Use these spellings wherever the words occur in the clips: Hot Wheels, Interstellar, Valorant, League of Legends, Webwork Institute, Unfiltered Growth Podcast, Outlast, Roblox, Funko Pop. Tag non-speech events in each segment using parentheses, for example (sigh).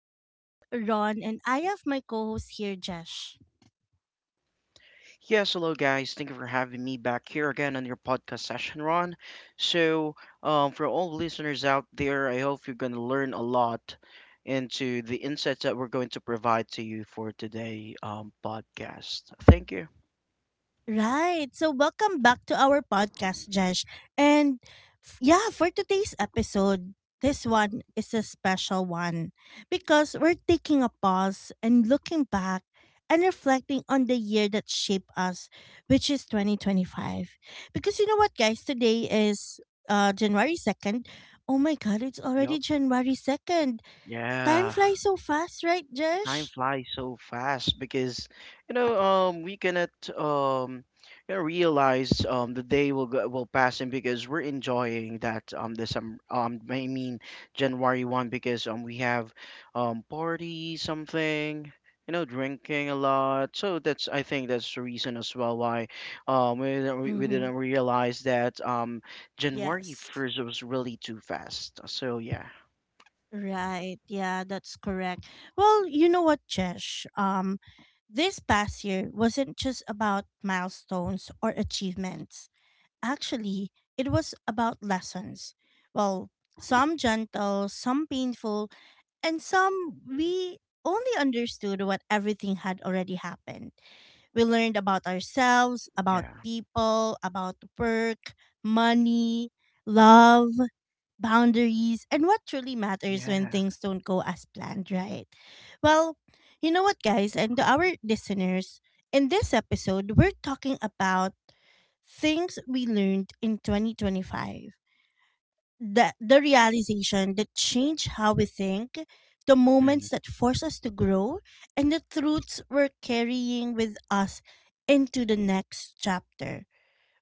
This is Ron, and I have my co host here, Jesh. Yes, hello guys. Thank you for having me back here again on your podcast session, Ron. So, for all listeners out there, I hope you're going to learn a lot into the insights that we're going to provide to you for today podcast. Thank you. Right. So welcome back to our podcast, Jesh. And for today's episode, this one is a special one because we're taking a pause and looking back and reflecting on the year that shaped us, which is 2025. Because you know what, guys, today is January 2. Oh my god, it's already Yup. January 2. Time Yeah. flies so fast, right, Time Jesh? flies so fast because we cannot um realize the day will go, will pass and because we're enjoying that this I mean January 1st because we have party something drinking a lot. So that's I think that's the reason as well why we Mm-hmm. didn't realize that January Yes. 1st was really too fast. So yeah. Right. Yeah, that's correct. Well, you know what, Jesh? This past year wasn't just about milestones or achievements. Actually, it was about lessons. Well, some gentle, some painful, and some we only understood what everything had already happened. We learned about ourselves, about Yeah. people, about work, money, love, boundaries, and what truly matters when Yeah. things don't go as planned, right? Well, you know what, guys, and to our listeners, in this episode, we're talking about things we learned in 2025, the realization that change how we think, the Hmm. moments that force us to grow, and the truths we're carrying with us into the next chapter.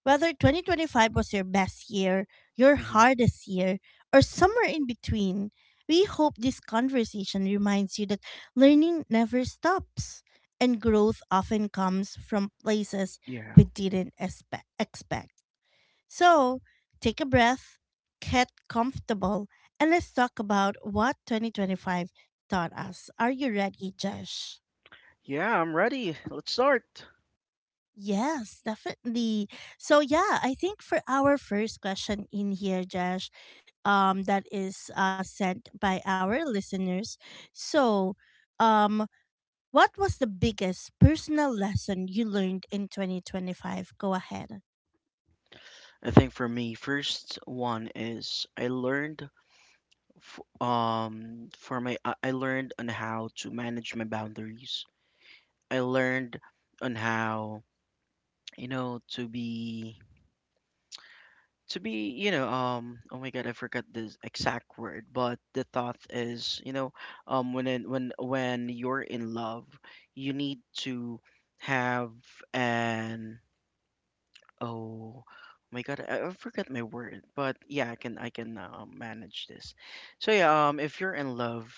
Whether 2025 was your best year, your Hmm. hardest year, or somewhere in between, we hope this conversation reminds you that learning never stops and growth often comes from places Yeah. we didn't espe- expect. So, take a breath, get comfortable, and let's talk about what 2025 taught us. Are you ready, Josh? Yeah, I'm ready. Let's start. Yes, definitely. So yeah, I think for our first question in here, Josh, that is sent by our listeners. So, um, what was the biggest personal lesson you learned in 2025? Go ahead. I think for me, first one is I learned f for my I learned on how to manage my boundaries. I learned on how, to be oh my God, I forgot the exact word, but the thought is, when when you're in love, you need to have an— oh, my God, I forgot my word, but yeah, I can manage this. So yeah, if you're in love,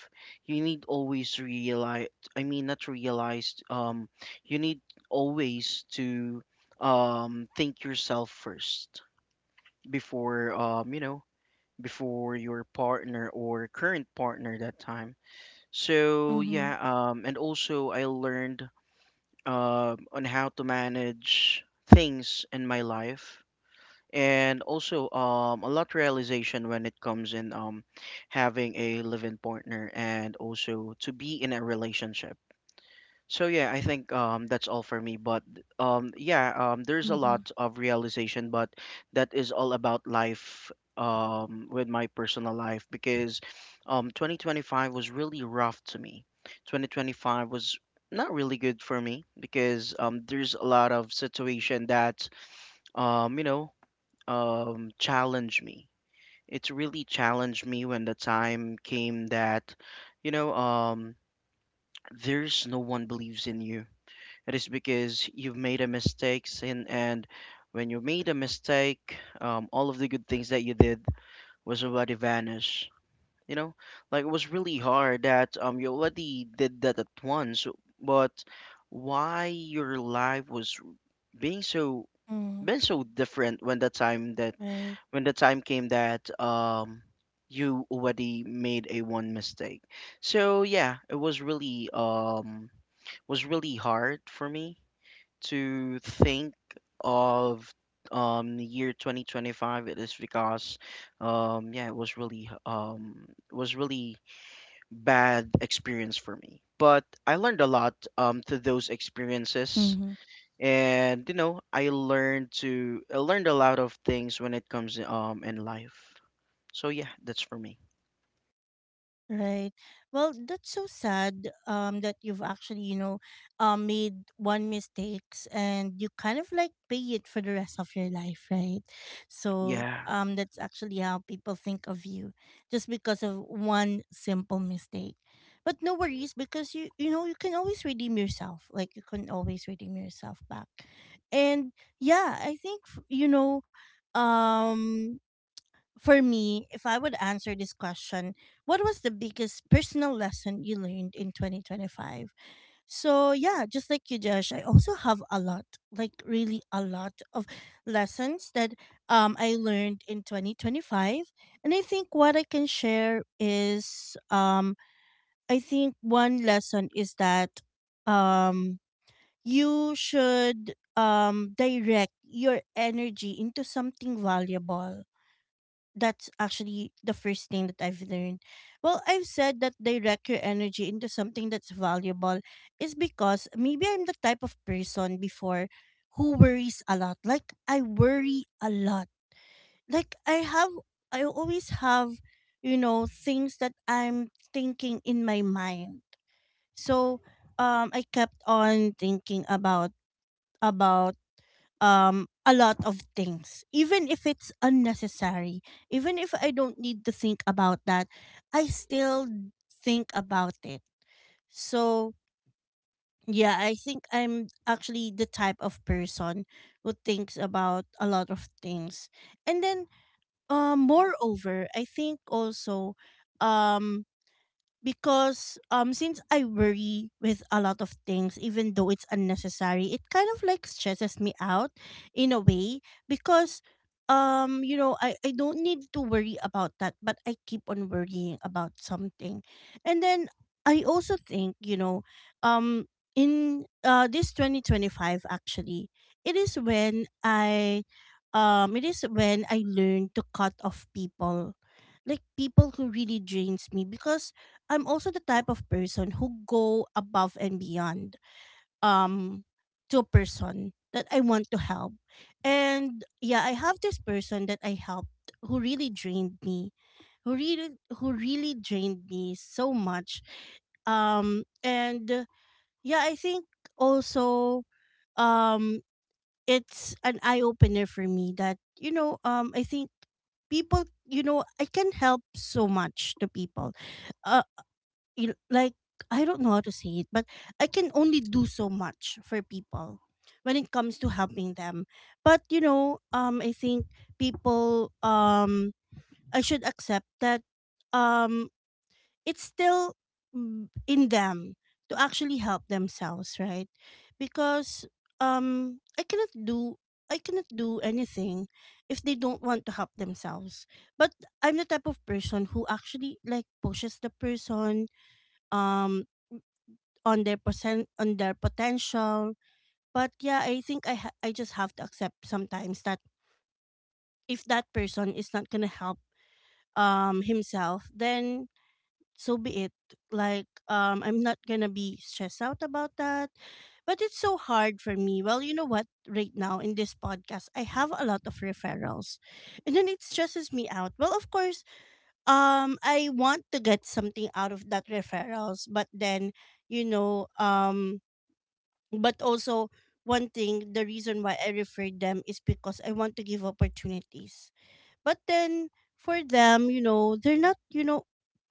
you need always realize. I mean, not realize. You need always to think yourself first before before your partner or current partner that time. So Mm-hmm. yeah, and also I learned on how to manage things in my life and also a lot realization when it comes in having a live-in partner and also to be in a relationship. So yeah, I think that's all for me, but yeah, there's a Mm-hmm. lot of realization, but that is all about life with my personal life. Because 2025 was really rough to me. 2025 was not really good for me because there's a lot of situation that um you know challenge me. It really challenged me when the time came that, you know, um, there's no one believes in you. It is because you've made a mistake, and when you made a mistake, all of the good things that you did was already vanished. You know, like it was really hard that you already did that at once, but why your life was being so Mm, been so different when the time that right. when the time came that you already made a one mistake. So yeah, it was really hard for me to think of the year 2025. It is because yeah, it was really bad experience for me, but I learned a lot through those experiences. Mm-hmm. And you know, I learned a lot of things when it comes in life. So yeah, that's for me. Right. Well, that's so sad that you've actually, you know, made one mistakes and you kind of like pay it for the rest of your life, right? So, Yeah. That's actually how people think of you just because of one simple mistake. But no worries because you know, you can always redeem yourself. Like you can always redeem yourself back. And yeah, I think you know, um for me, if I would answer this question, what was the biggest personal lesson you learned in 2025? So, yeah, just like you, Josh, I also have a lot, like really a lot of lessons that I learned in 2025. And I think what I can share is I think one lesson is that um, you should direct your energy into something valuable. That's actually the first thing that I've learned. Well, I've said that direct your energy into something that's valuable is because maybe I'm the type of person before who worries a lot. Like I worry a lot. Like I always have, you know, things that I'm thinking in my mind. So I kept on thinking about a lot of things, even if it's unnecessary, even if I don't need to think about that, I still think about it. So yeah, I think I'm actually the type of person who thinks about a lot of things. And then moreover, I think also, um because since I worry with a lot of things even though it's unnecessary, it kind of like stresses me out in a way because you know, I don't need to worry about that, but I keep on worrying about something. And then I also think, you know, um in this 2025 actually, it is when I it is when I learned to cut off people, like people who really drains me, because I'm also the type of person who go above and beyond um to a person that I want to help. And yeah, I have this person that I helped who really drained me. Who really who really drained me so much. And yeah, I think also, um it's an eye opener for me that, you know, I think people, you know, I can help so much to people, you- like, I don't know how to say it, but I can only do so much for people when it comes to helping them. But you know, I think people, I should accept that, um, it's still in them to actually help themselves, right? Because I cannot do. I cannot do anything if they don't want to help themselves. But I'm the type of person who actually like pushes the person um on their percent on their potential. But yeah, I think I just have to accept sometimes that if that person is not going to help himself, then so be it. Like I'm not going to be stressed out about that. But it's so hard for me. Well, you know what, right now in this podcast I have a lot of referrals, and then it stresses me out. Well, of course, I want to get something out of that referrals, but then, you know, but also, one thing, the reason why I referred them is because I want to give opportunities. But then for them, you know, they're not, you know,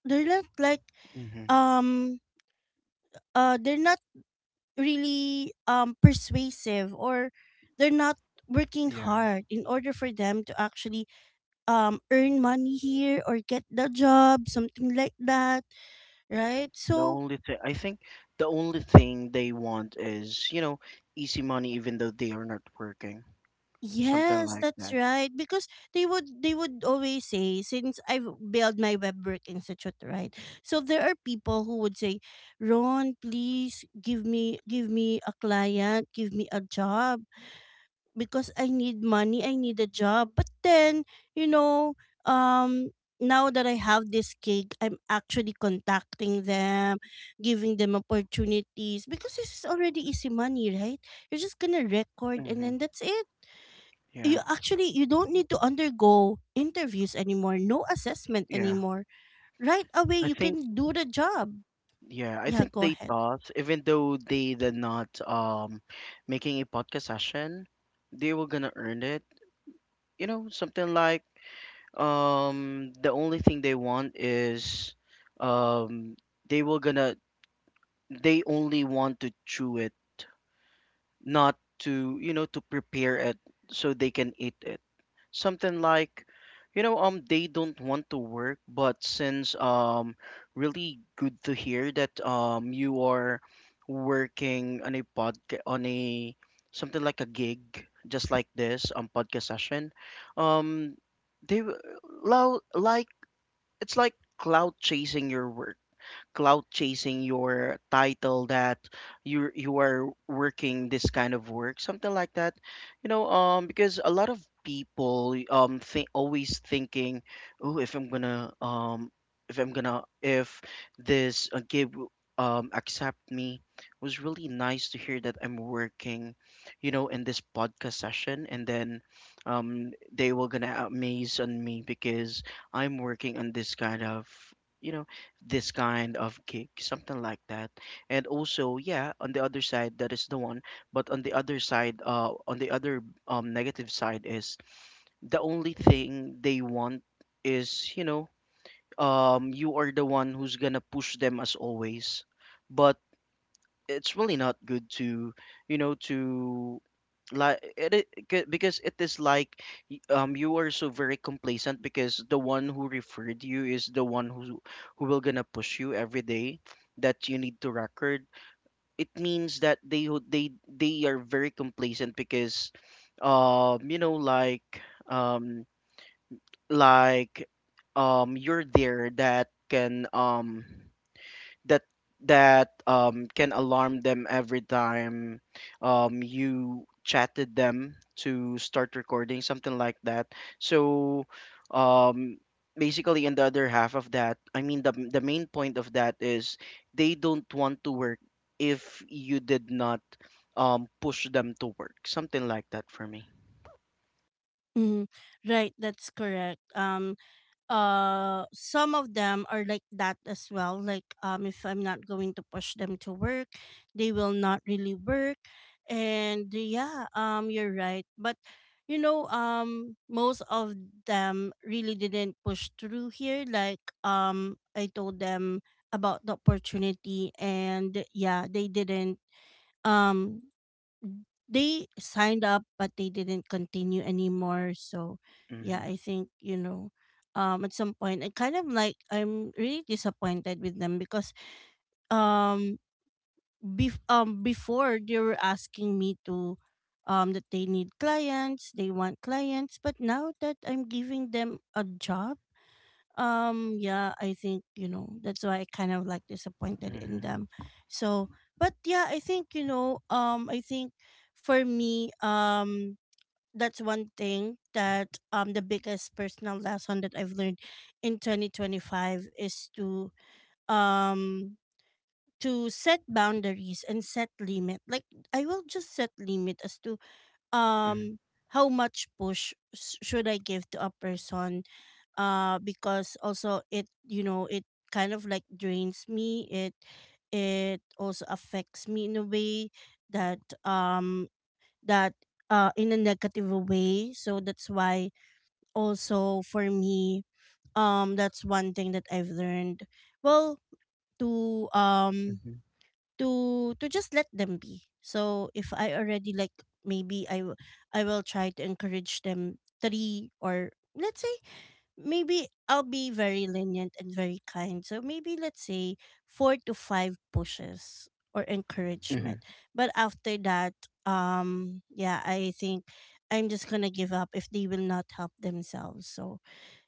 they're not like Hmm. um they're not really persuasive, or they're not working Yeah. hard in order for them to actually earn money here or get the job, something like that, right? The So only thing I think the only thing they want is, you know, easy money even though they are not working. Something yes, like that's that. right. Because they would always say, since I've built my web work institute, right? So there are people who would say, Ron, please give me a client, give me a job because I need money, I need a job. But then, you know, um now that I have this gig, I'm actually contacting them, giving them opportunities because this is already easy money, right? You're just gonna record and Hmm. then that's it. You Yeah. actually, you don't need to undergo interviews anymore, no assessment Yeah. anymore, right away I you think can do the job. yeah, I Yeah, think go they ahead. thought even though they did not making a podcast session, they were gonna earn it. You know, something like the only thing they want is um they were gonna they only want to chew it, not to, you know, to prepare it so they can eat it. Something like, you know, they don't want to work, but since really good to hear that you are working on a podcast on a something like a gig, just like this podcast session. Um, they w- like it's like cloud chasing your work clout chasing your title, that you are working this kind of work, something like that. You know, because a lot of people think always thinking, oh, if I'm gonna if this accept me, it was really nice to hear that I'm working, you know, in this podcast session, and then they were gonna amaze on me because I'm working on this kind of you know this kind of gig, something like that. And also, yeah, on the other side, that is the one. But on the other side, on the other negative side is the only thing they want is, you know, you are the one who's gonna push them as always. But it's really not good to, you know, to like it, I- c- because it is like you are so very complacent, because the one who referred you is the one who will gonna push you every day that you need to record. It means that they are very complacent because you know um like you're there that can that that can alarm them every time you chatted them to start recording, something like that. So um, basically in the other half of that, I mean the main point of that is they don't want to work if you did not push them to work, something like that for me. Mm, right, that's correct. Some of them are like that as well. Like if I'm not going to push them to work, they will not really work. And yeah, you're right. But you know, most of them really didn't push through here. Like I told them about the opportunity, and yeah, they didn't um they signed up but they didn't continue anymore. So yeah, Mm-hmm. I think, you know, at some point I kind of like, I'm really disappointed with them because um before they were asking me to that they need clients, they want clients, but now that I'm giving them a job, yeah, I think, you know, that's why I kind of like disappointed in Mm-hmm. them. So but yeah, I think, you know, I think for me, that's one thing that the biggest personal lesson that I've learned in 2025 is um to set boundaries and set limit. Like I will just set limit as to Mm-hmm. um how much push should I give to a person, because also it, you know, it kind of like drains me, it also affects me in a way that um that in a negative way. So that's why also for me, that's one thing that I've learned. Well, to to just let them be. So if I already like, maybe I will try to encourage them three, or let's say, maybe I'll be very lenient and very kind, so maybe let's say four to five pushes or Mm-hmm. encouragement. But after that, yeah, I think I'm just gonna give up if they will not help themselves. So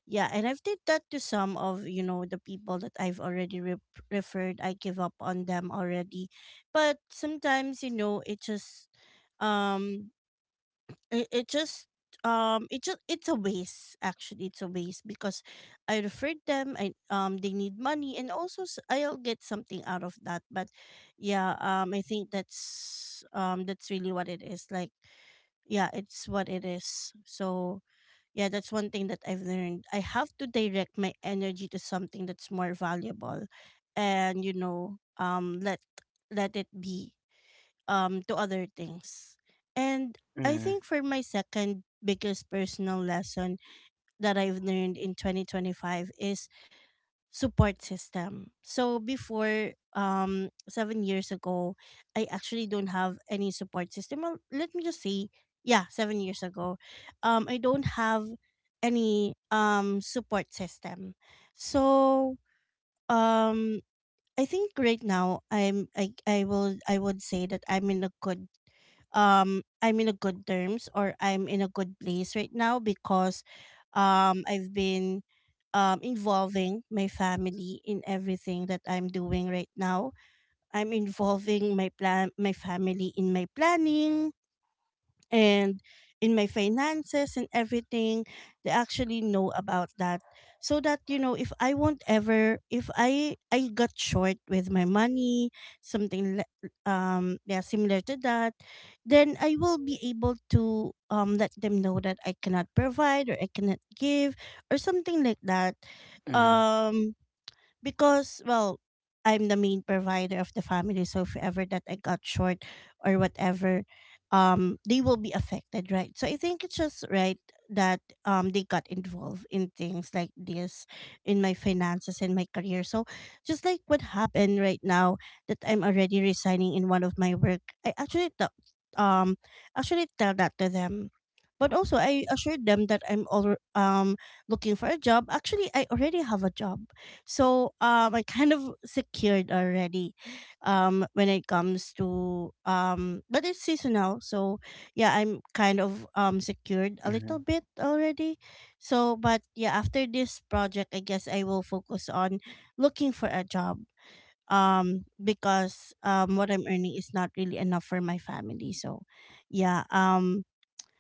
yeah, and I've did that to some of, you know, the people that I've already referred. I give up on them already. But sometimes, you know, it just um it just it just, it's a waste, actually. It's a waste because I referred them, I they need money, and also I'll get something out of that. But yeah, I think that's really what it is. Like yeah, it's what it is. So yeah, that's one thing that I've learned. I have to direct my energy to something that's more valuable and you know, let let it be to other things. And I Mm-hmm. think for my second biggest personal lesson that I've learned in 2025 is support system. So before 7 years ago, I actually don't have any support system. Well, let me just say, yeah, 7 years ago, I don't have any support system. So um I think right now I will I would say that I'm in a good I'm in a good terms, or I'm in a good place right now because I've been involving my family in everything that I'm doing right now. I'm involving my family in my planning, and in my finances and everything. They actually know about that, so that you know if I got short with my money, something li- yeah similar to that, then I will be able to let them know that I cannot provide or I cannot give, or something like that. Mm-hmm. um because, well, I'm the main provider of the family, so if ever that I got short or whatever, they will be affected, right? So I think it's just right that they got involved in things like this, in my finances and my career. So just like what happened right now, that I'm already resigning in one of my work, I um actually tell that to them, but also I assured them that I'm all looking for a job. Actually, I already have a job, so I kind of secured already when it comes to but it's seasonal. So yeah, I'm kind of secured a Mm-hmm. little bit already. So but yeah, after this project, I guess I will focus on looking for a job, because what I'm earning is not really enough for my family. So yeah um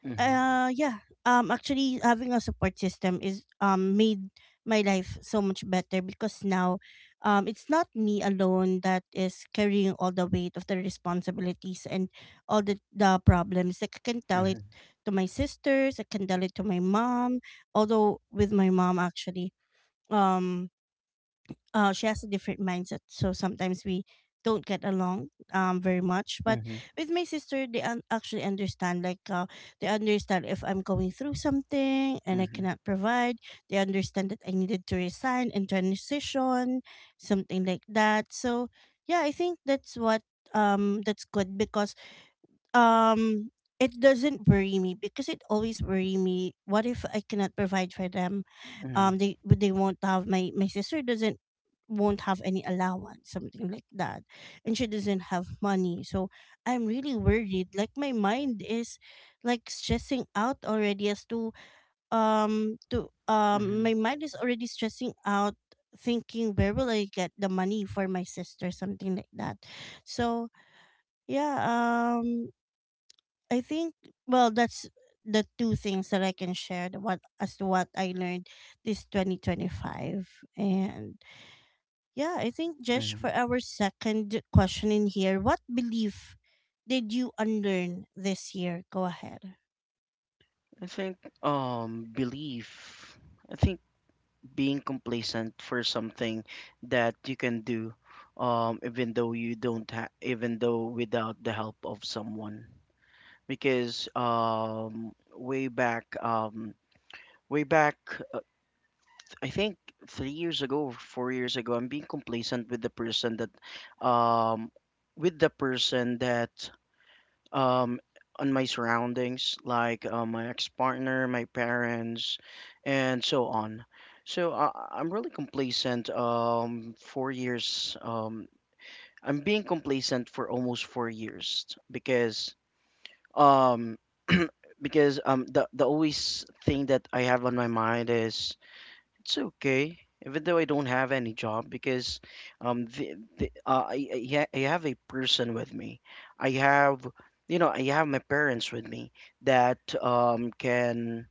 Mm-hmm. Yeah. Actually having a support system is made my life so much better, because now it's not me alone that is carrying all the weight of the responsibilities and all the problems. Like, I can tell Mm-hmm. it to my sisters, I can tell it to my mom. Although with my mom actually, Um she has a different mindset, so sometimes we don't get along very much. But Mm-hmm. with my sister, they actually understand. They understand if I'm going through something and I Mm-hmm. cannot provide. They understand that I needed to resign and transition, something like that. So yeah, I think that's what that's good, because um it doesn't worry me, because it always worry me, what if I cannot provide for them? Mm-hmm. They won't have my my sister doesn't won't have any allowance, something like that, and she doesn't have money. So I'm really worried, like my mind is like stressing out already as to Mm-hmm. my mind is already stressing out thinking, where will I get the money for my sister, something like that. So yeah, I think, well, that's the two things that I can share, the what as to what I learned this 2025. And yeah, I think, Jesh, for Mhm. our second question in here, what belief did you unlearn this year? Go ahead. I think belief. I think being complacent for something that you can do, even though you don't ha- even though without the help of someone. Because way back, uh, I think 3 years ago, or 4 years ago, I'm being complacent with the person that, um, with the person that um, on my surroundings, like my ex-partner, my parents, and so on. So I'm really complacent. 4 years. I'm being complacent for almost 4 years because um, (clears throat) because the always thing that I have on my mind is it's okay, even though I don't have any job, because the I have a person with me. I have you know I have my parents with me that can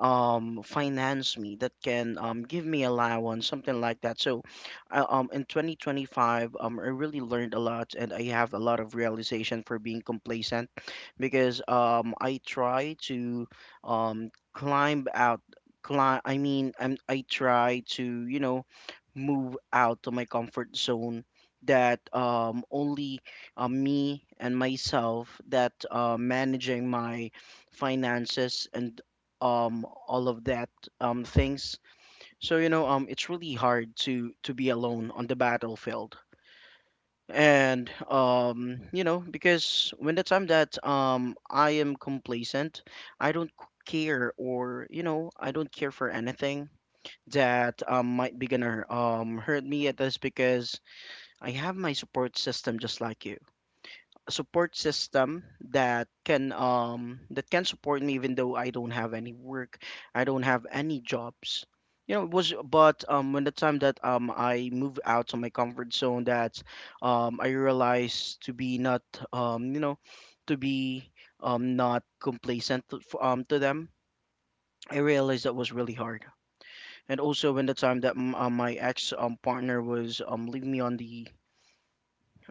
finance me, that can give me allowance, something like that. So in 2025 I really learned a lot and I have a lot of realization for being complacent. Because um climb out I mean I try to you know move out of my comfort zone, that only me and myself that managing my finances and all of that things. So you know it's really hard to be alone on the battlefield. And you know, because when the time that I am complacent, I don't c- care, or you know I don't care for anything that might be gonna hurt me at this, because I have my support system, just like you. Support system that can support me even though I don't have any work, I don't have any jobs. You know, it was, but when the time that I moved out of my comfort zone, that I realized to be not um you know to be not complacent to, to them. I realized that was really hard. And also when the time that my ex partner was leaving me on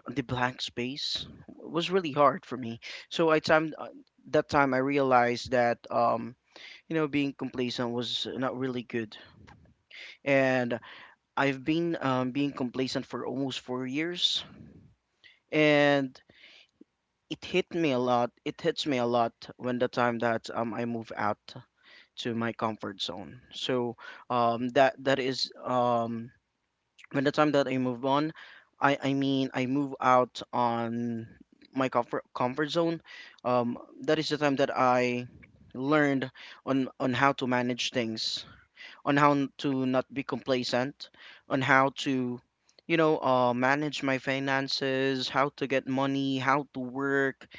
the blank space was really hard for me. So I time that time I realized that, you know, being complacent was not really good, and I've been being complacent for almost 4 years, and it hit me a lot. It hits me a lot when the time that, I move out to my comfort zone. So that that is when the time that I move on, I mean I move out on my comfort zone. Um, that is the time that I learned on how to manage things, on to not be complacent, on how to you know manage my finances, how to get money, how to work,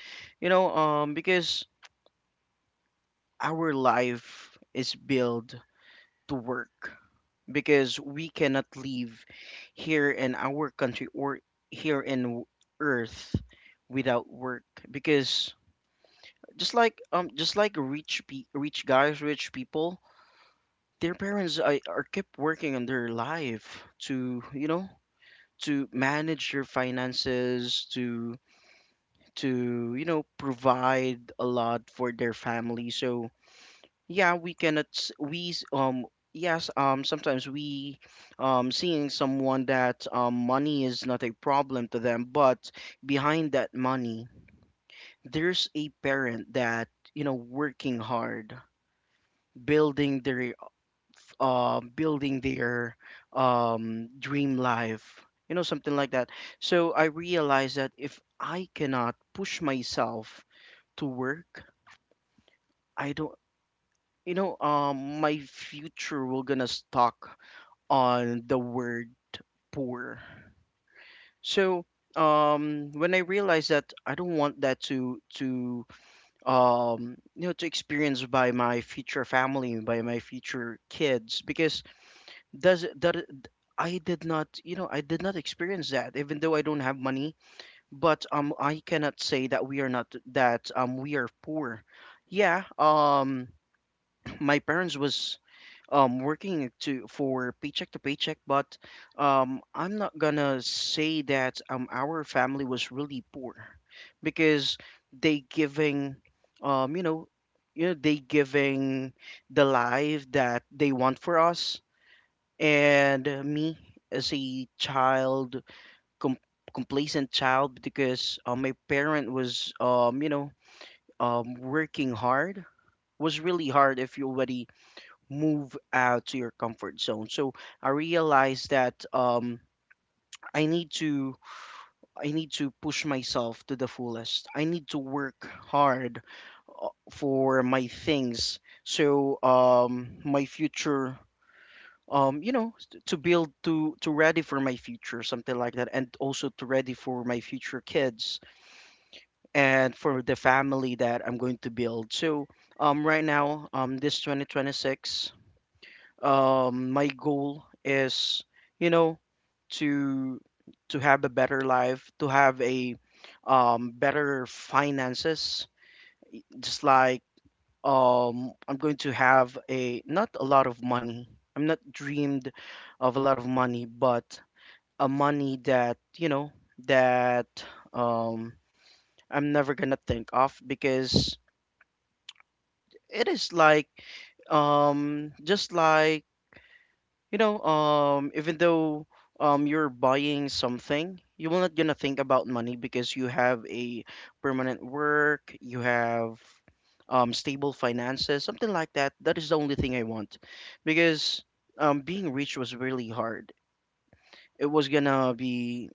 you know because our life is built to work, because we cannot live here in our country or here in w- earth without work. Because just like rich guys rich people, their parents are kept working on their life to you know to manage their finances to you know provide a lot for their family. So yeah, we cannot. S- yes, sometimes we seeing someone that money is not a problem to them, but behind that money, there's a parent that you know working hard, building their building their dream life, you know something like that. So I realize that if I cannot push myself to work, I don't. My future will gonna stuck on the word poor. So when I realized that I don't want that to to experience by my future family by my future kids because does that I did not experience that, even though I don't have money. But I cannot say that we are not that we are poor. Yeah. (clears throat) My parents was working to for paycheck to paycheck. But I'm not gonna say that our family was really poor because they giving, um you know they giving the life that they want for us. And me, as a child, com- complacent child, because my parent was, working hard. Was really hard if you already move out to your comfort zone. So I realized that I need to push myself to the fullest. I need to work hard for my things. So my future. To build to ready for my future, something like that, and also to ready for my future kids and for the family that I'm going to build. So, right now, this 2026, my goal is, you know to have a better life, to have a better finances, just like, I'm going to have a not a lot of money. I'm not dreamed of a lot of money, but a money that, that um I'm never gonna think of, because it is like, just like even though you're buying something, you will not gonna think about money, because you have a permanent work, you have stable finances, something like that. That is the only thing I want, because being rich was really hard. It was gonna be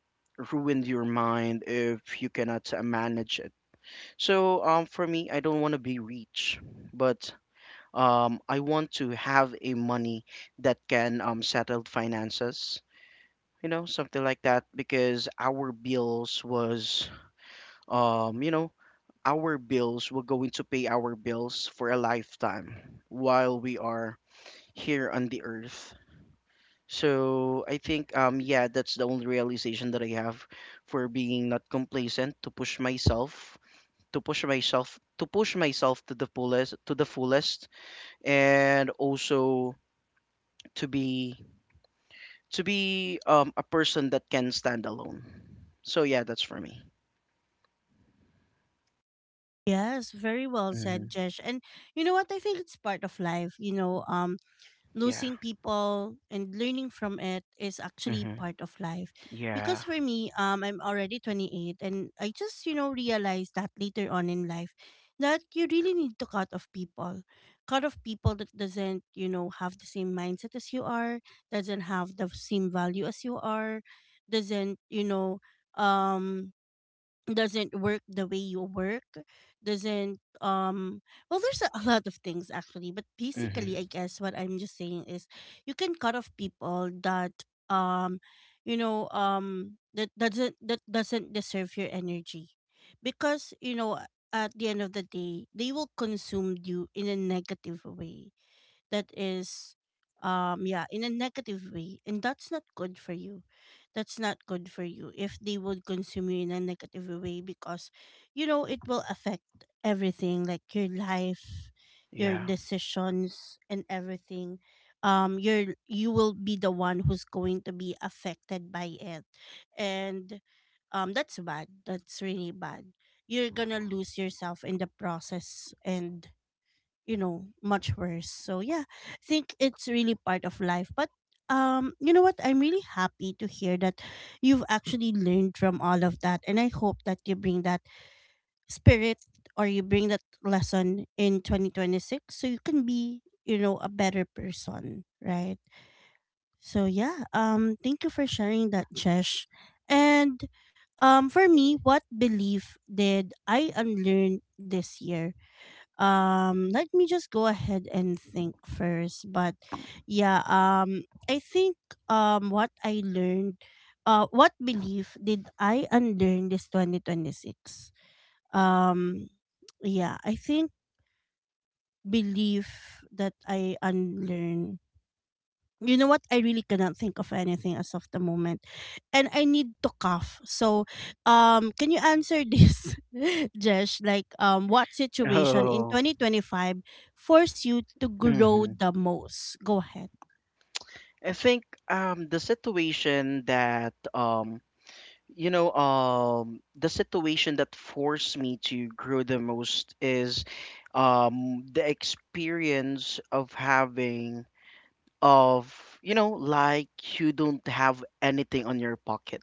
ruined your mind if you cannot manage it. So for me, I don't want to be rich, but I want to have a money that can, settle finances, you know, something like that, because our bills was, um, you know, our bills, we're going to pay our bills for a lifetime while we are here on the earth. So I think, yeah, that's the only realization that I have for being not complacent, to push myself, to push myself, to push myself to the fullest, and also to be to be a person that can stand alone. So yeah, that's for me. Yes, very well said, Mm-hmm. Jesh. And you know what, I think it's part of life, you know, Yeah. losing people and learning from it is actually Mm-hmm. part of life. Because Yeah. for me, I'm already 28, and I just, you know, realized that later on in life that you really need to cut off people. Cut off people that doesn't, you know, have the same mindset as you are, doesn't have the same value as you are, doesn't, you know, um doesn't work the way you work, doesn't well, there's a lot of things actually, but basically Mm-hmm. I guess what I'm just saying is you can cut off people that um you know, that doesn't deserve your energy. Because, you know, at the end of the day, they will consume you in a negative way. That is yeah, in a negative way, and that's not good for you. That's not good for you if they would consume you in a negative way, because, you know, it will affect everything, like your life, your Yeah. decisions, and everything. You're, you will be the one who's going to be affected by it. And that's bad, that's really bad. You're gonna lose yourself in the process and, you know, much worse. So yeah, I think it's really part of life. But you know what, I'm really happy to hear that you've actually learned from all of that, and I hope that you bring that spirit, or you bring that lesson, in 2026, so you can be, you know, a better person, right? So yeah, thank you for sharing that, Jesh. And for me, what belief did I unlearn this year? Let me just go ahead and think first. But yeah, I think, um what i learned what belief did I unlearn this 2026? um yeah, I think, belief that I unlearned, you know what? I really cannot think of anything as of the moment. And I need to cough. So, can you answer this, (laughs) Jesh? Like, what (laughs) situation in Oh. 2025 forced you to grow Mm-hmm. the most? Go ahead. I think the situation that, the situation that forced me to grow the most is the experience of having, of, you know, like, you don't have anything on your pocket.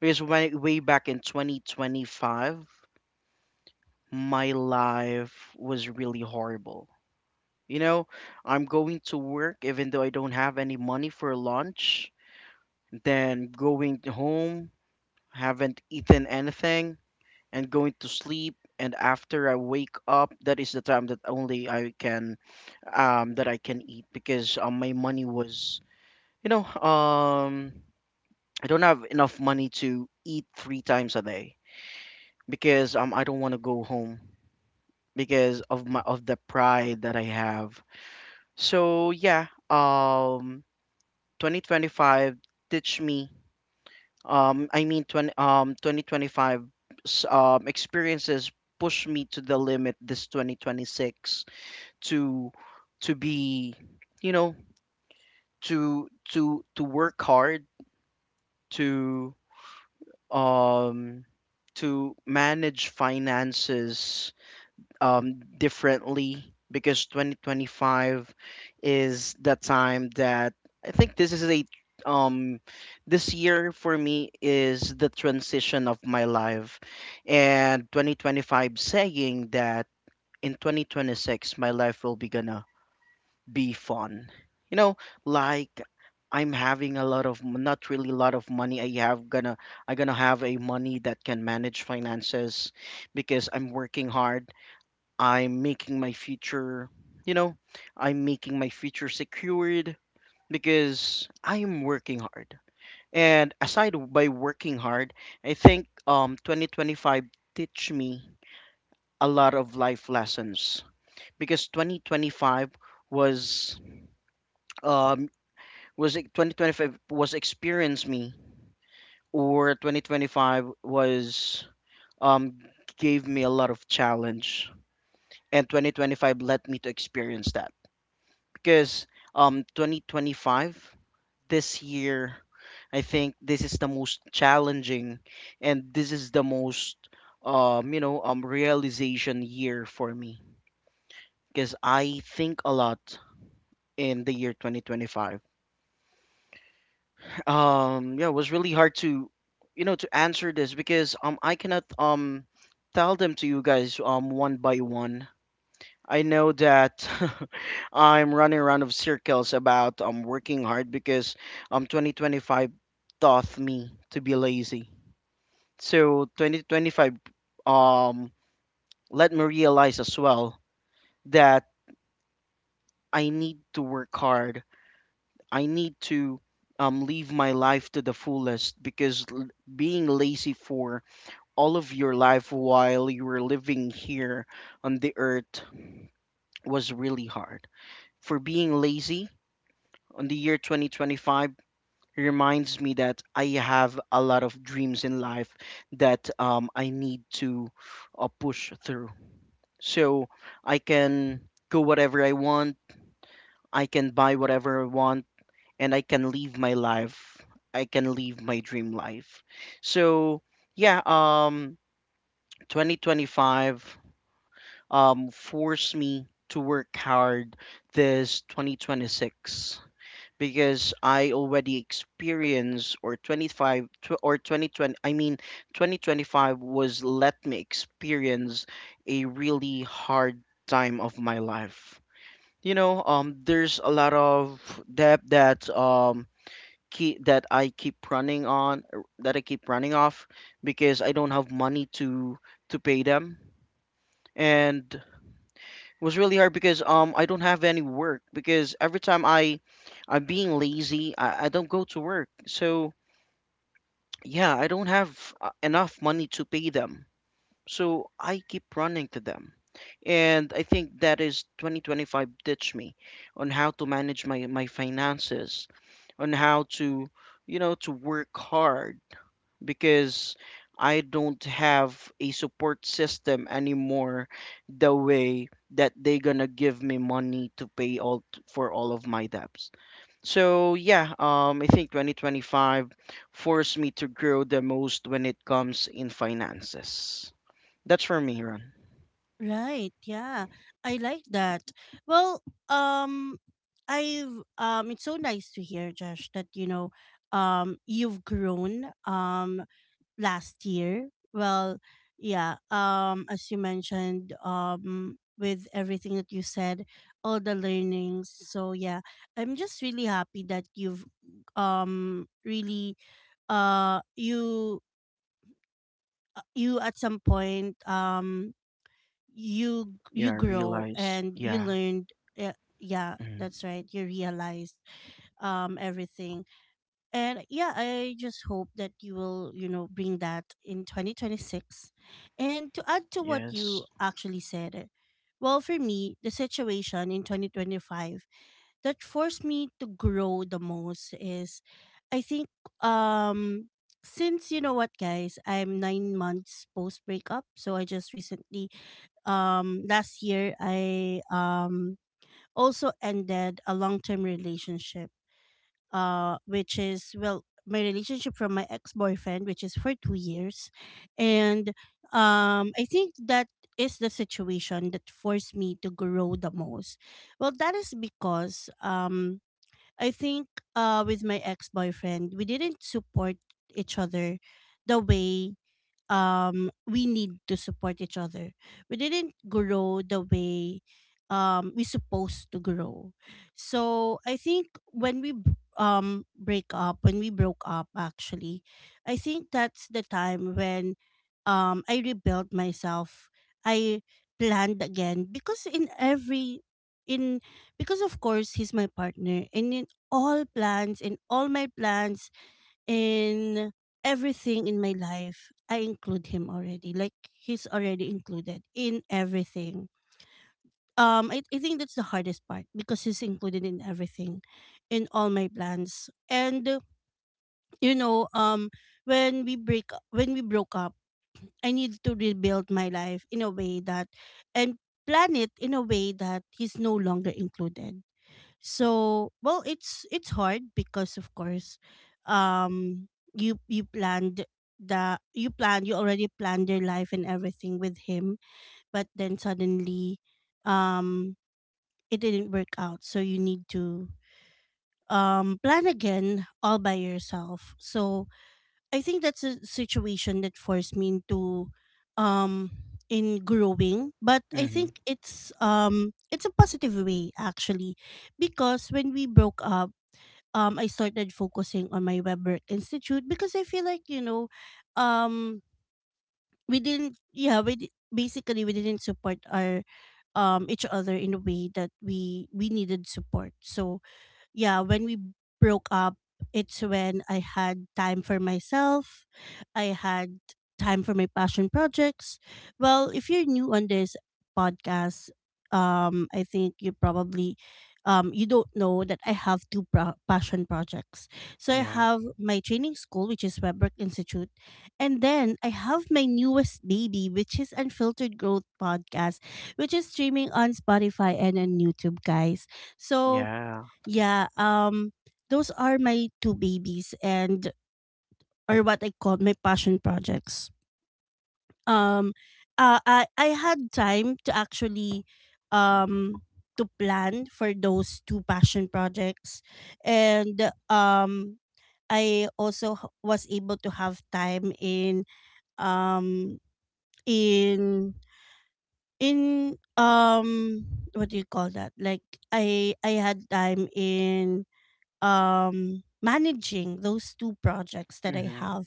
Because way, way back in 2025, my life was really horrible. You know, I'm going to work even though I don't have any money for lunch, then going home, haven't eaten anything, and going to sleep. And after I wake up, that is the time that only I can, that I can eat, because my money was, you know, um, I don't have enough money to eat three times a day, because I don't want to go home because of my of the pride that I have. So yeah, 2025 teach me. um I mean 20 um 2025, experiences push me to the limit this 2026, to to be, you know, to to work hard, to um to manage finances differently, because 2025 is the time that, I think this is a, um this year for me is the transition of my life. And 2025 saying that in 2026 my life will be gonna be fun. You know, like, I'm having a lot of not really a lot of money. I have gonna, I gonna have a money that can manage finances because I'm working hard. I'm making my future. You know, I'm making my future secured because I am working hard. And aside by working hard, I think 2025 teach me a lot of life lessons, because 2025 was um was 2025 was experience me, or 2025 was, um gave me a lot of challenge, and 2025 let me to experience that, because 2025, this year, I think this is the most challenging, and this is the most, realization year for me, because I think a lot in the year 2025. (laughs) Yeah, it was really hard to, you know, to answer this, because I cannot tell them to you guys one by one. I know that (laughs) I'm running around of circles about working hard, because 2025 taught me to be lazy. So 2025 um let me realize as well that I need to work hard. I need to live my life to the fullest, because being lazy for all of your life while you were living here on the earth was really hard. For being lazy on the year 2025 reminds me that I have a lot of dreams in life that, I need to push through. So I can go whatever I want, I can buy whatever I want, and I can live my life. I can live my dream life. So yeah, 2025, forced me to work hard this 2026, because I already experienced, or 25 tw- or 2020 I mean 2025 was let me experience a really hard time of my life. You know, there's a lot of debt that, keep, that I keep running on, that I keep running off, because I don't have money to pay them. And was really hard because I don't have any work, because every time I, I'm being lazy, I don't go to work. So yeah, I don't have enough money to pay them, so I keep running to them. And I think that is 2025 ditch me on how to manage my finances, on how to, you know, to work hard, because I don't have a support system anymore, the way that they gonna give me money to pay, for all of my debts. So yeah, I think 2025 forced me to grow the most when it comes in finances. That's for me, Ron. Right. Yeah. I like that. Well, I've, it's so nice to hear, Josh, that, you know, you've grown. Last year. Well, yeah, um, as you mentioned, um, with everything that you said, all the learnings. So yeah, I'm just really happy that you've really uh you you at some point you Yeah, you I grow realize. and you Yeah. learned. Yeah, yeah, Mm. that's right. You realized everything. And yeah, I just hope that you will, you know, bring that in 2026. And to add to what you Yes. actually said, well, for me, the situation in 2025 that forced me to grow the most is, I think, um since, you know what guys, I'm 9 months post breakup, so I just recently last year I also ended a long-term relationship, which is, well, my relationship from my ex-boyfriend, which is for 2 years. And I think that is the situation that forced me to grow the most. Well, that is because I think, with my ex-boyfriend, we didn't support each other the way we need to support each other. We didn't grow the way we supposed to grow. So I think when we b- break up when we broke up actually, I think that's the time when I rebuilt myself. I planned again, because in every, in, because of course he's my partner, and in all plans, in all my plans, in everything in my life, I include him already. Like, he's already included in everything. I think that's the hardest part, because he's included in everything, in all my plans. And you know, when we broke up, I need to rebuild my life in a way that, and plan it in a way that, he's no longer included. So, well, it's hard because of course um you, you planned that you planned you already planned your life and everything with him, but then suddenly um it didn't work out, so you need to plan again all by yourself. So I think that's a situation that forced me into um in growing. But I Mm-hmm. think it's um, it's a positive way actually, because when we broke up, I started focusing on my WebWork Institute because I feel like, you know, um we didn't yeah we di- basically we didn't support our each other in a way that we needed support. So yeah, when we broke up, it's when I had time for myself. I had time for my passion projects. Well, if you're new on this podcast, I think you probably um, you don't know that I have two passion projects. So I Yeah. have my training school, which is Webwork Institute, and then I have my newest baby, which is Unfiltered Growth Podcast, which is streaming on Spotify and on YouTube, guys. So Yeah. yeah, um, those are my two babies and, or what I call my passion projects. Um I had time to actually um to plan for those two passion projects. And um, I also was able to have time in um in in um what do you call that? Like, I had time in managing those two projects that I Mm-hmm. have.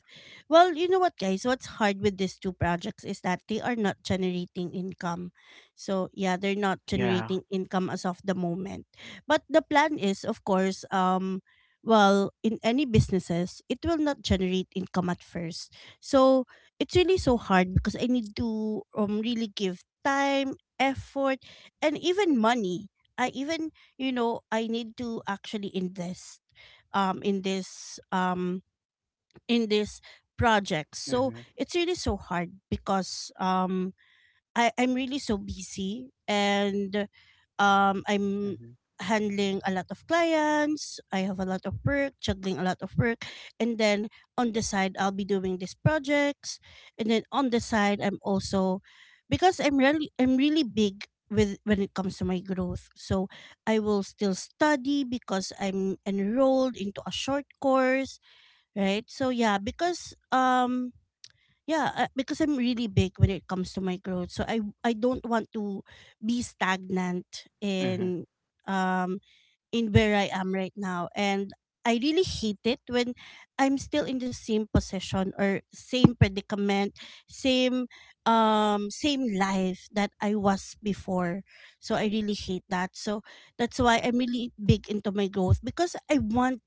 Well, you know what guys, what's hard with these two projects is that they are not generating income. So, yeah, they're not Yeah. generating income as of the moment. But the plan is, of course, um, well, in any businesses, it will not generate income at first. So, it's really so hard because I need to um, really give time, effort, and even money. I even, you know, I need to actually invest um in this um in this project. So Mm-hmm. it's really so hard because um, I I'm really so busy, and um, I'm Mm-hmm. handling a lot of clients. I have a lot of work, juggling a lot of work, and then on the side I'll be doing these projects, and then on the side I'm also, because I'm really, I'm really big with when it comes to my growth. So I will still study because I'm enrolled into a short course, right? So yeah, because I'm really big when it comes to my growth. So I don't want to be stagnant Mm-hmm. in um in where I am right now. And I really hate it when I'm still in the same position or same predicament, same same life that I was before. So I really hate that. So that's why I'm really big into my growth because I want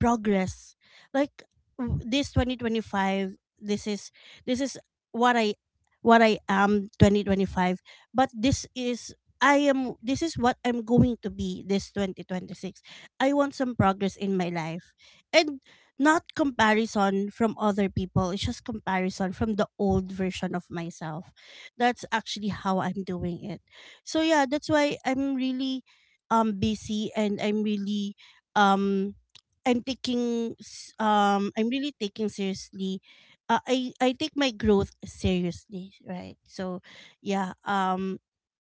progress, like, this 2025, this is what I am 2025, but this is, I am, this is what I'm going to be this 2026. I want some progress in my life, and not comparison from other people, it's just comparison from the old version of myself. That's actually how I'm doing it. So yeah, that's why I'm really busy and I'm really um taking seriously. I take my growth seriously, right? So yeah,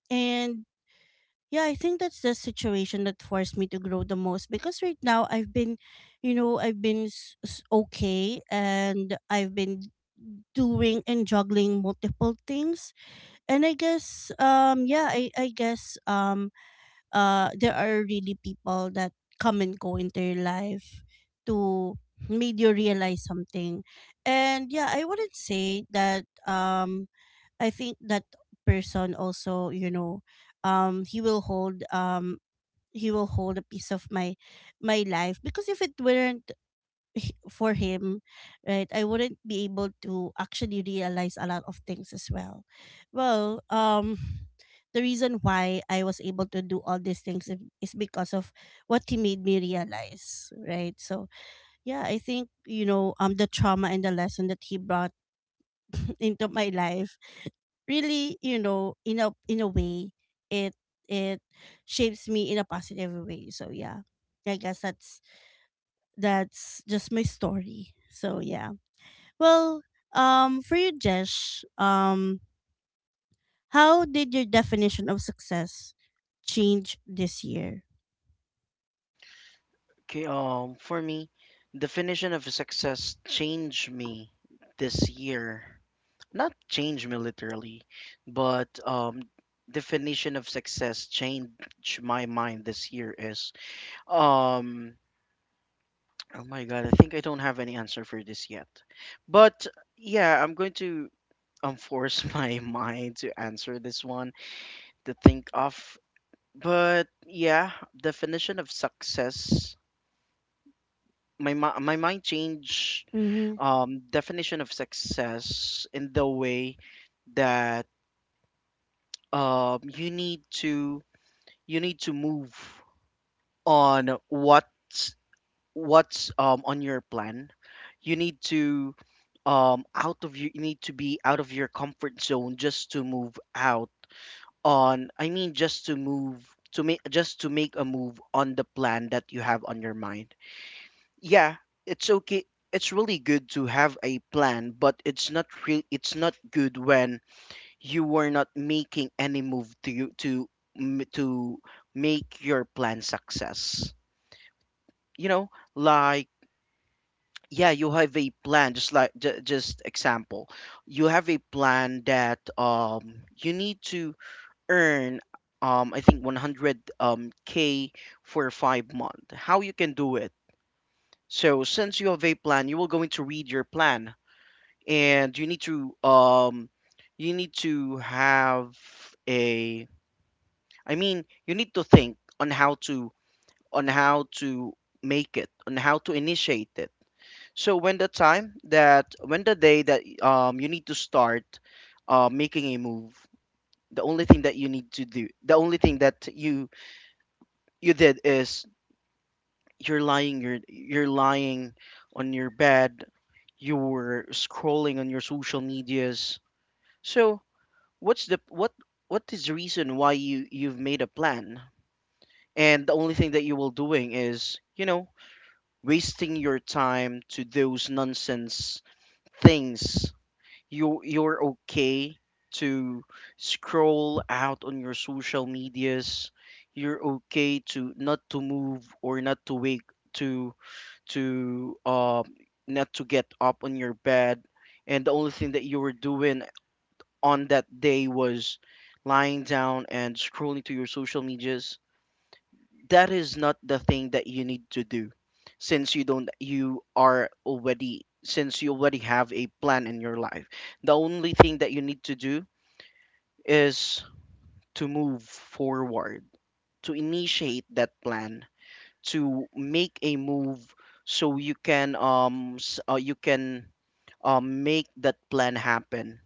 and yeah, I think that's the situation that forced me to grow the most, because right now I've been, okay, and I've been doing and juggling multiple things. And I guess yeah, I guess there are really people that come and go into your life to made you realize something. And yeah, I wouldn't say that, I think that person also, you know, um he will hold um he will hold a piece of my life, because if it weren't for him, right, I wouldn't be able to actually realize a lot of things as well. Well, (sighs) the reason why I was able to do all these things is because of what he made me realize, right? So yeah, I think the trauma and the lesson that he brought (laughs) into my life really in a way it it shapes me in a positive way. So yeah, I guess that's just my story. So yeah. Well, for you, Jesh, how did your definition of success change this year? Okay, for me, definition of success changed me this year. Not changed me literally, but definition of success changed my mind this year is um. Oh my God, I think I don't have any answer for this yet. But yeah, I'm going to force (laughs) my mind to answer this one, to think of. But yeah, definition of success. My mind changed, Mm-hmm. Definition of success, in the way that, you need to move on what's, on your plan. You need to, out of you, you need to be out of your comfort zone just to move out on. I mean, just to move to make, just to make a move on the plan that you have on your mind. Yeah, it's okay. It's really good to have a plan, but it's not real, it's not good when you were not making any move, to you to to make your plan success. You know, like, yeah, you have a plan, just like just example. You have a plan that you need to earn, I think 100 k for 5 month. How you can do it? So since you have a plan, you will going to read your plan. And you need to have a. I mean, you need to think on how to, on how to make it, on how to initiate it. So when the time that, when the day that you need to start making a move, the only thing that you need to do, the only thing that you did is, you're lying, you're lying on your bed, you're scrolling on your social medias. So what's the what is the reason why you you've made a plan, and the only thing that you will doing is, you know, wasting your time to those nonsense things. You, you're okay to scroll out on your social medias, you're okay to not to move, or not to wake, to to um not to get up on your bed. And the only thing that you were doing on that day was lying down and scrolling to your social medias, that is not the thing that you need to do since you don't you are already since you already have a plan in your life. The only thing that you need to do is to move forward, to initiate that plan, to make a move so you can make that plan happen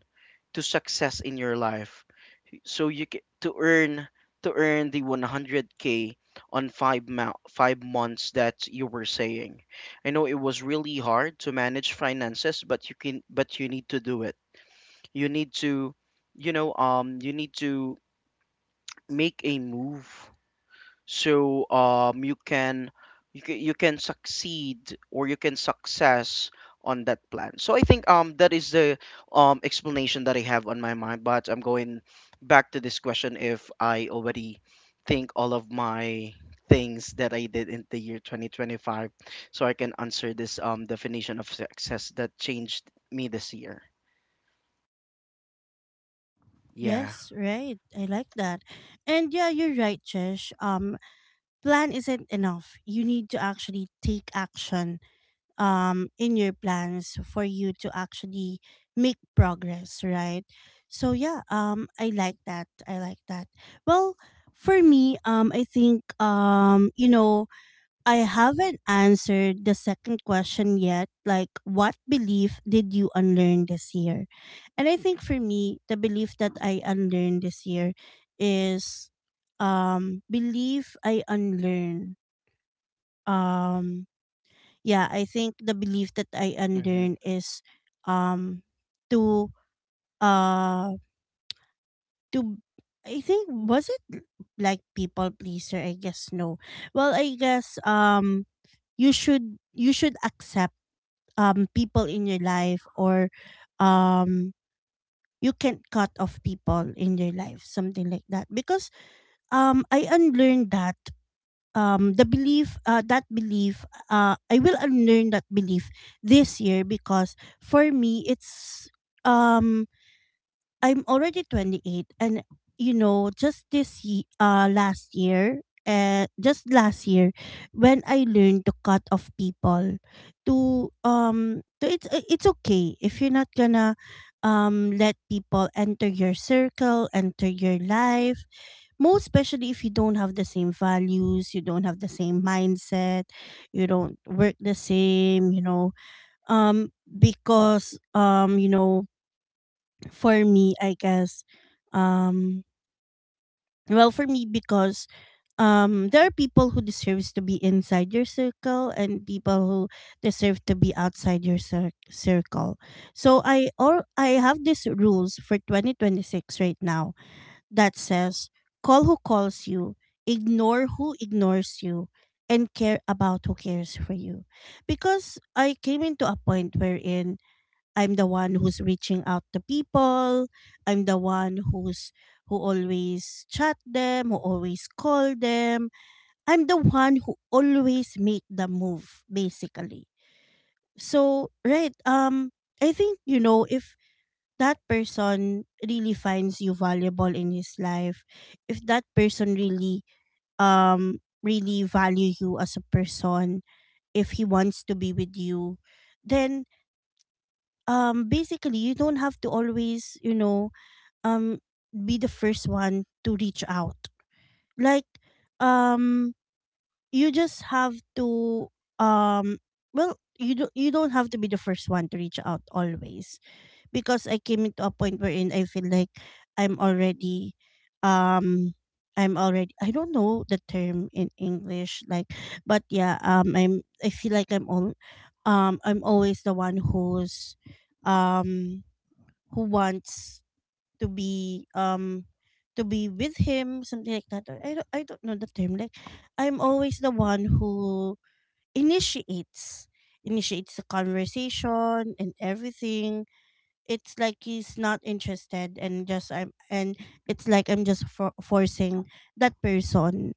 to success in your life, so you ca to earn the 100K on 5 months that you were saying. I know it was really hard to manage finances, but you can but you need to do it. You need to you know you need to make a move, so you can succeed, or you can success on that plan. So I think that is the explanation that I have on my mind, but I'm going back to this question. If I already think all of my things that I did in the year 2025, so I can answer this definition of success that changed me this year. Yeah. Yes, right. I like that. And yeah, you're right, Jesh. Plan isn't enough. You need to actually take action in your plans for you to actually make progress, right? So yeah, I like that. I like that. Well, for me, I think I haven't answered the second question yet. Like, what belief did you unlearn this year? And I think for me, the belief that I unlearned this year is belief I unlearn. Um yeah, I think the belief that I Mm-hmm, unlearn is, um to uh to I think was it like people pleaser? I guess no. Well, I guess you should accept people in your life, or um you can't cut off people in your life, something like that. Because I unlearned that, the belief, that belief, I will unlearn that belief this year, because for me it's um I'm already 28. And last year when I learned to cut off people. To um to it's uh, it's okay if you're not gonna let people enter your circle, enter your life, most especially if you don't have the same values, you don't have the same mindset, you don't work the same um because for me, I guess, um, well, for me, because there are people who deserves to be inside your circle and people who deserve to be outside your circle. So I have these rules for 2026 right now that says: call who calls you, ignore who ignores you, and care about who cares for you. Because I came into a point wherein I'm the one who's reaching out to people. I'm the one who always chat them, who always call them. I'm the one who always make the move basically. So, right, I think if that person really finds you valuable in his life, if that person really really value you as a person, if he wants to be with you, then basically you don't have to always um be the first one to reach out, like, um you just have to, um well, you do, you don't have to be the first one to reach out always. Because I came into a point wherein I feel like i'm already um i'm already, I don't know the term in English, like, but yeah, I feel like I'm always the one um who wants to be um to be with him, something like that. Or I don't know the term, like, I'm always the one who initiates initiates the conversation and everything. It's like he's not interested, and just I'm, and it's like I'm just forcing that person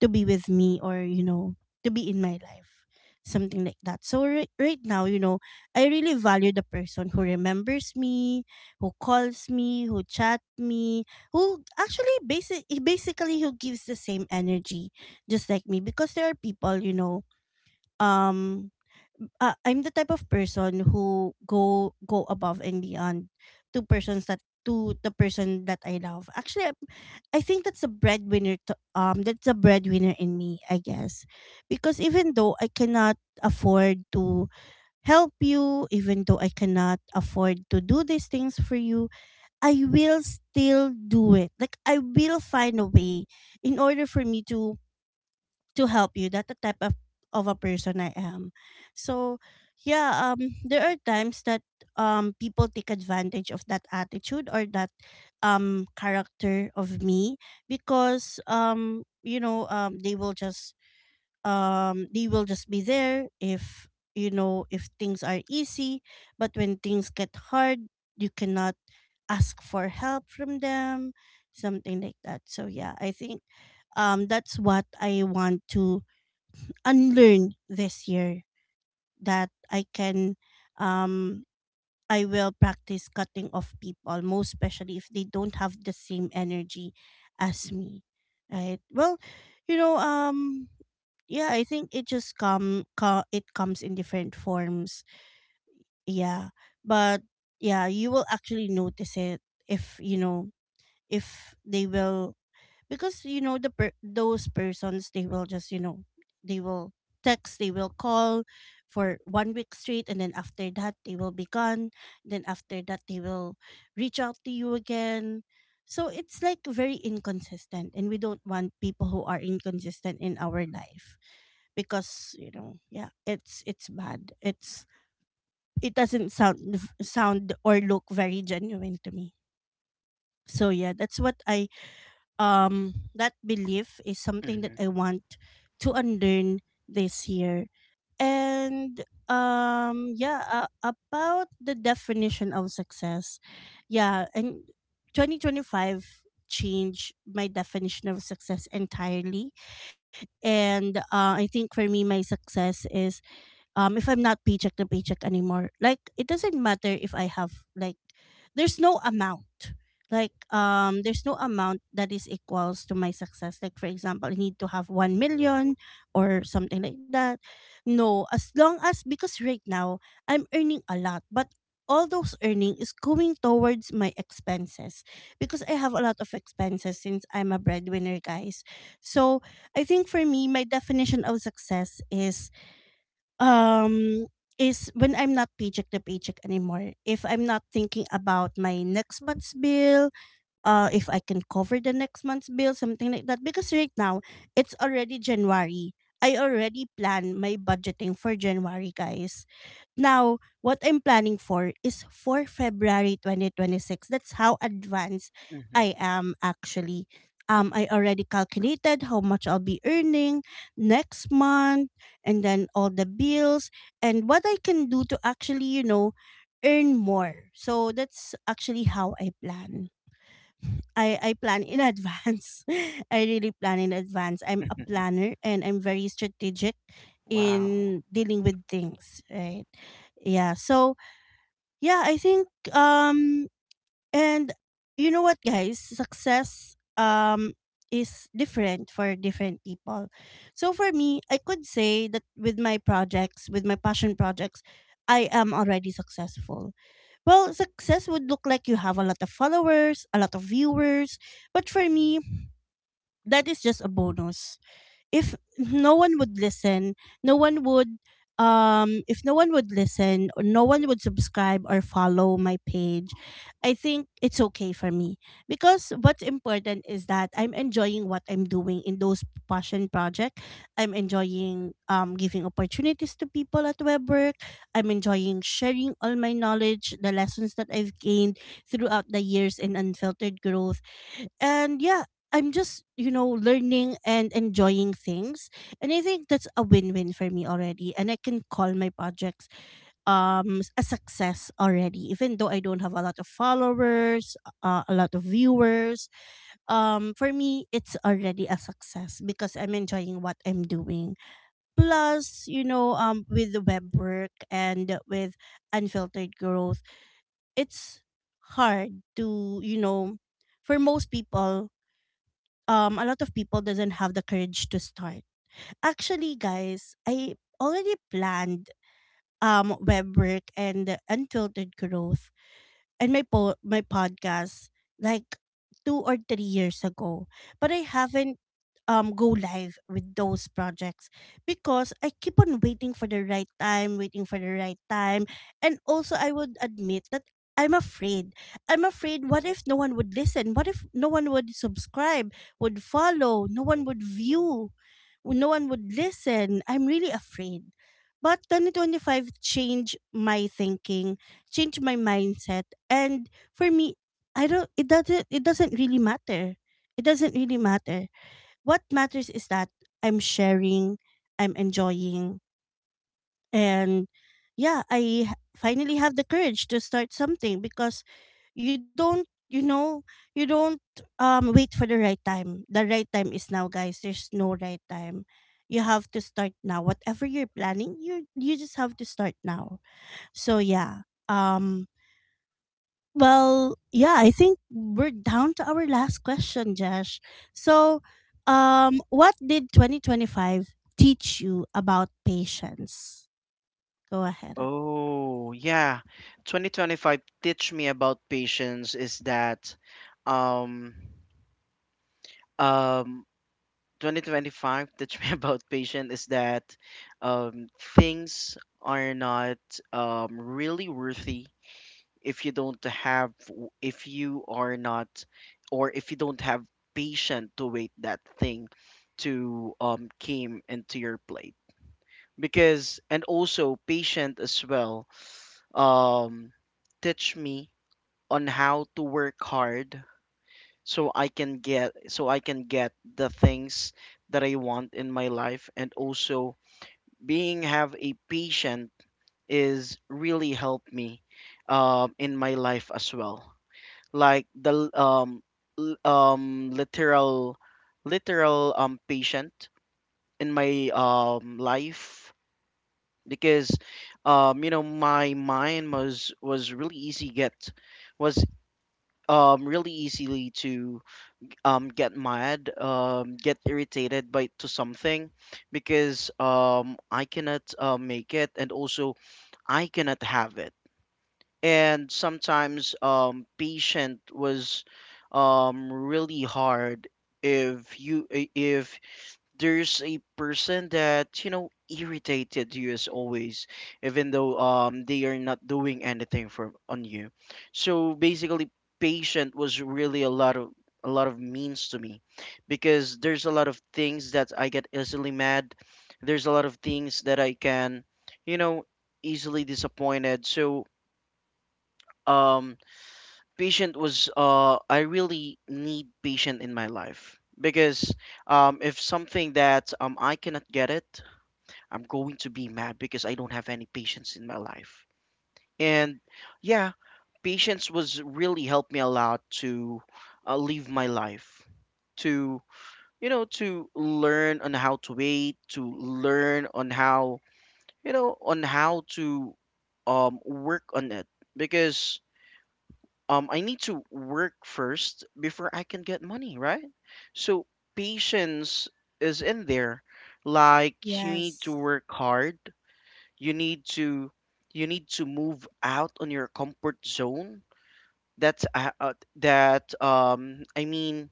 to be with me, or to be in my life, something like that. So, right, right now, I really value the person who remembers me, who calls me, who chat me, who actually basically, who gives the same energy just like me. Because there are people, um I'm the type of person who go above and beyond, to persons that to the person that I love. Actually, I think that's a breadwinner. That's a breadwinner in me, I guess, because even though I cannot afford to help you, even though I cannot afford to do these things for you, I will still do it. Like, I will find a way in order for me to help you. That the type of a person I am. So yeah, there are times that people take advantage of that attitude or that character of me, because you know, they will just be there if, if things are easy, but when things get hard, you cannot ask for help from them, something like that. So yeah, I think, that's what I want to unlearn this year, that um I will practice cutting off people, most especially if they don't have the same energy as me. Right? Well, you know, yeah, I think it just come co- it comes in different forms. Yeah. But yeah, you will actually notice it if, if they will, because those persons, they will just you know they will text, they will call for one week straight, and then after that they will be gone, then after that they will reach out to you again. So it's like very inconsistent, and we don't want people who are inconsistent in our life, because yeah, it's bad. It doesn't sound or look very genuine to me. So yeah, that's what I that belief is something that mm-hmm, I want, to unlearn this year. And yeah, about the definition of success. Yeah, and 2025 changed my definition of success entirely. And I think for me my success is if I'm not paycheck to paycheck anymore. Like, it doesn't matter if I have like There's no amount, like, there's no amount that is equals to my success, like for example I need to have 1 million or something like that. No, as long as, because right now I'm earning a lot, but all those earning is going towards my expenses because I have a lot of expenses since I'm a breadwinner, guys. So I think for me my definition of success is um when I'm not paycheck to paycheck anymore. If I'm not thinking about my next month's bill, if I can cover the next month's bill, something like that. Because right now it's already January. I already plan my budgeting for January, guys. Now, what I'm planning for is for February 2026. That's how advanced I am actually. I already calculated how much I'll be earning next month, and then all the bills, and what I can do to actually, you know, earn more. So that's actually how I plan. I plan in advance. (laughs) I really plan in advance. I'm a mm-hmm. (laughs) planner and I'm very strategic Wow. in dealing with things, right? Yeah. So, yeah, I think and you know what guys, success is different for different people. So for me, I could say that with my projects, with my passion projects, I am already successful. Well, success would look like you have a lot of followers, a lot of viewers, but for me, that is just a bonus. If no one would listen, no one would if no one would listen or no one would subscribe or follow my page, I think it's okay for me, because what's important is that I'm enjoying what I'm doing in those passion project. I'm enjoying giving opportunities to people at Web Work. I'm enjoying sharing all my knowledge, the lessons that I've gained throughout the years in Unfiltered Growth. And yeah, I'm just, you know, learning and enjoying things, and I think that's a win-win for me already, and I can call my projects a success already, even though I don't have a lot of followers, a lot of viewers. Um, for me it's already a success because I'm enjoying what I'm doing. Plus, you know, with the Web Work and with Unfiltered Growth, it's hard to, you know, for most people, a lot of people doesn't have the courage to start. Actually, guys, I already planned Web Work and Unfiltered Growth and my podcast like 2 or 3 years ago, but I haven't go live with those projects because I keep on waiting for the right time, waiting for the right time, and also I would admit that I'm afraid. I'm afraid. What if no one would listen? What if no one would subscribe, would follow, no one would view, no one would listen? I'm really afraid. But 2025 changed my thinking. Change my mindset. And for me, I don't it doesn't really matter. It doesn't really matter. What matters is that I'm sharing, I'm enjoying. And yeah, finally have the courage to start something. Because you don't, you know, you don't wait for the right time. The right time is now, guys. There's no right time. You have to start now. Whatever you're planning, you just have to start now. So yeah, well, yeah, I think we're down to our last question, Josh. So, what did 2025 teach you about patience? Go ahead. Oh, yeah. 2025 teach me about patience is that um um 2025 teach me (laughs) about patience is that things are not really worthy if you don't have w- if you are not, or if you don't have patience to wait that thing to came into your plate. Because, and also patient as well, um, teach me on how to work hard, so I can get the things that I want in my life. And also, being have a patient is really helped me in my life as well, like the l- um, literal literal patient in my life, because my mind was really easy get, was really easily to get mad, get irritated by to something, because I cannot make it, and also I cannot have it. And sometimes patient was really hard if if there's a person that you know irritated you as always, even though they are not doing anything for on you. So basically, patient was really a lot of means to me, because there's a lot of things that I get easily mad, there's a lot of things that I can you know easily disappointed. So um patient was, I really need patient in my life, because if something that I cannot get it, I'm going to be mad, because I don't have any patience in my life. And yeah, patience was really helped me a lot to live my life, to, to learn on how to wait, to learn on how, on how to work on it, because I need to work first before I can get money, right? So patience is in there. Like, you need to Yes. work hard. You need to you need to move out on your comfort zone. That's that I mean,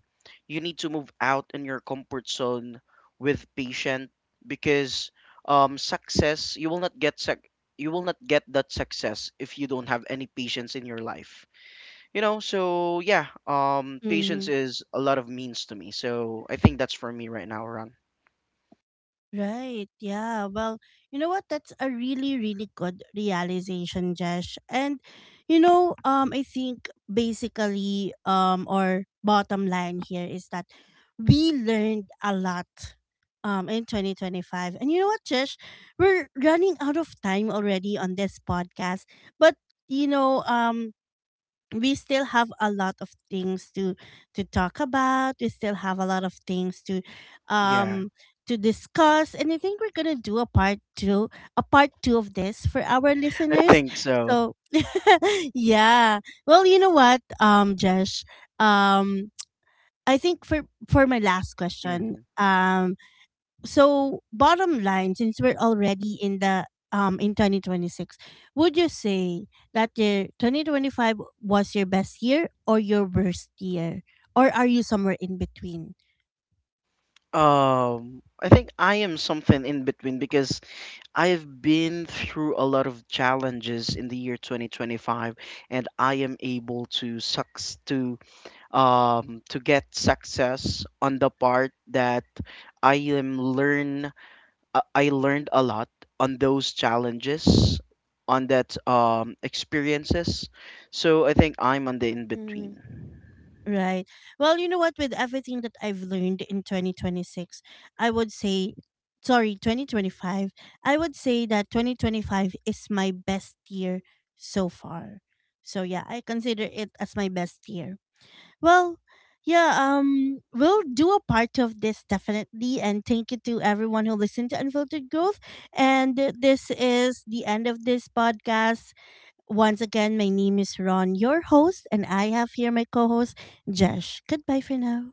you need to move out in your comfort zone with patience, because success, you will not get that success if you don't have any patience in your life, you know. So yeah, patience Mm-hmm. is a lot of means to me. So I think that's for me right now, Ron. Right. Yeah. Well, you know what? That's a really, really good realization, Jesh. And you know, I think basically, or bottom line here is that we learned a lot, in 2025. And you know what, Jesh, we're running out of time already on this podcast, but you know, we still have a lot of things to talk about. We still have a lot of things Yeah, um to discuss. And I think we're gonna do a part two, a part two of this for our I listeners. think so. So, (laughs) yeah. Well, you know what, Josh, um, I think for my last question, Hmm. So bottom line, since we're already in the in 2026, would you say that your 2025 was your best year or your worst year, or are you somewhere in between? I think I am something in between, because I've been through a lot of challenges in the year 2025, and I am able to sucks to get success on the part that I am learn I learned a lot on those challenges, on that experiences. So I think I'm on the in Mm. between. Right. Well, you know what? With everything that I've learned in 2026, I would say, sorry, 2025, I would say that 2025 is my best year so far. So, yeah, I consider it as my best year. Well, yeah, we'll do a part of this definitely. And thank you to everyone who listened to Unfiltered Growth. And this is the end of this podcast. Once again, my name is Ron, your host, and I have here my co host, Jesh. Goodbye for now.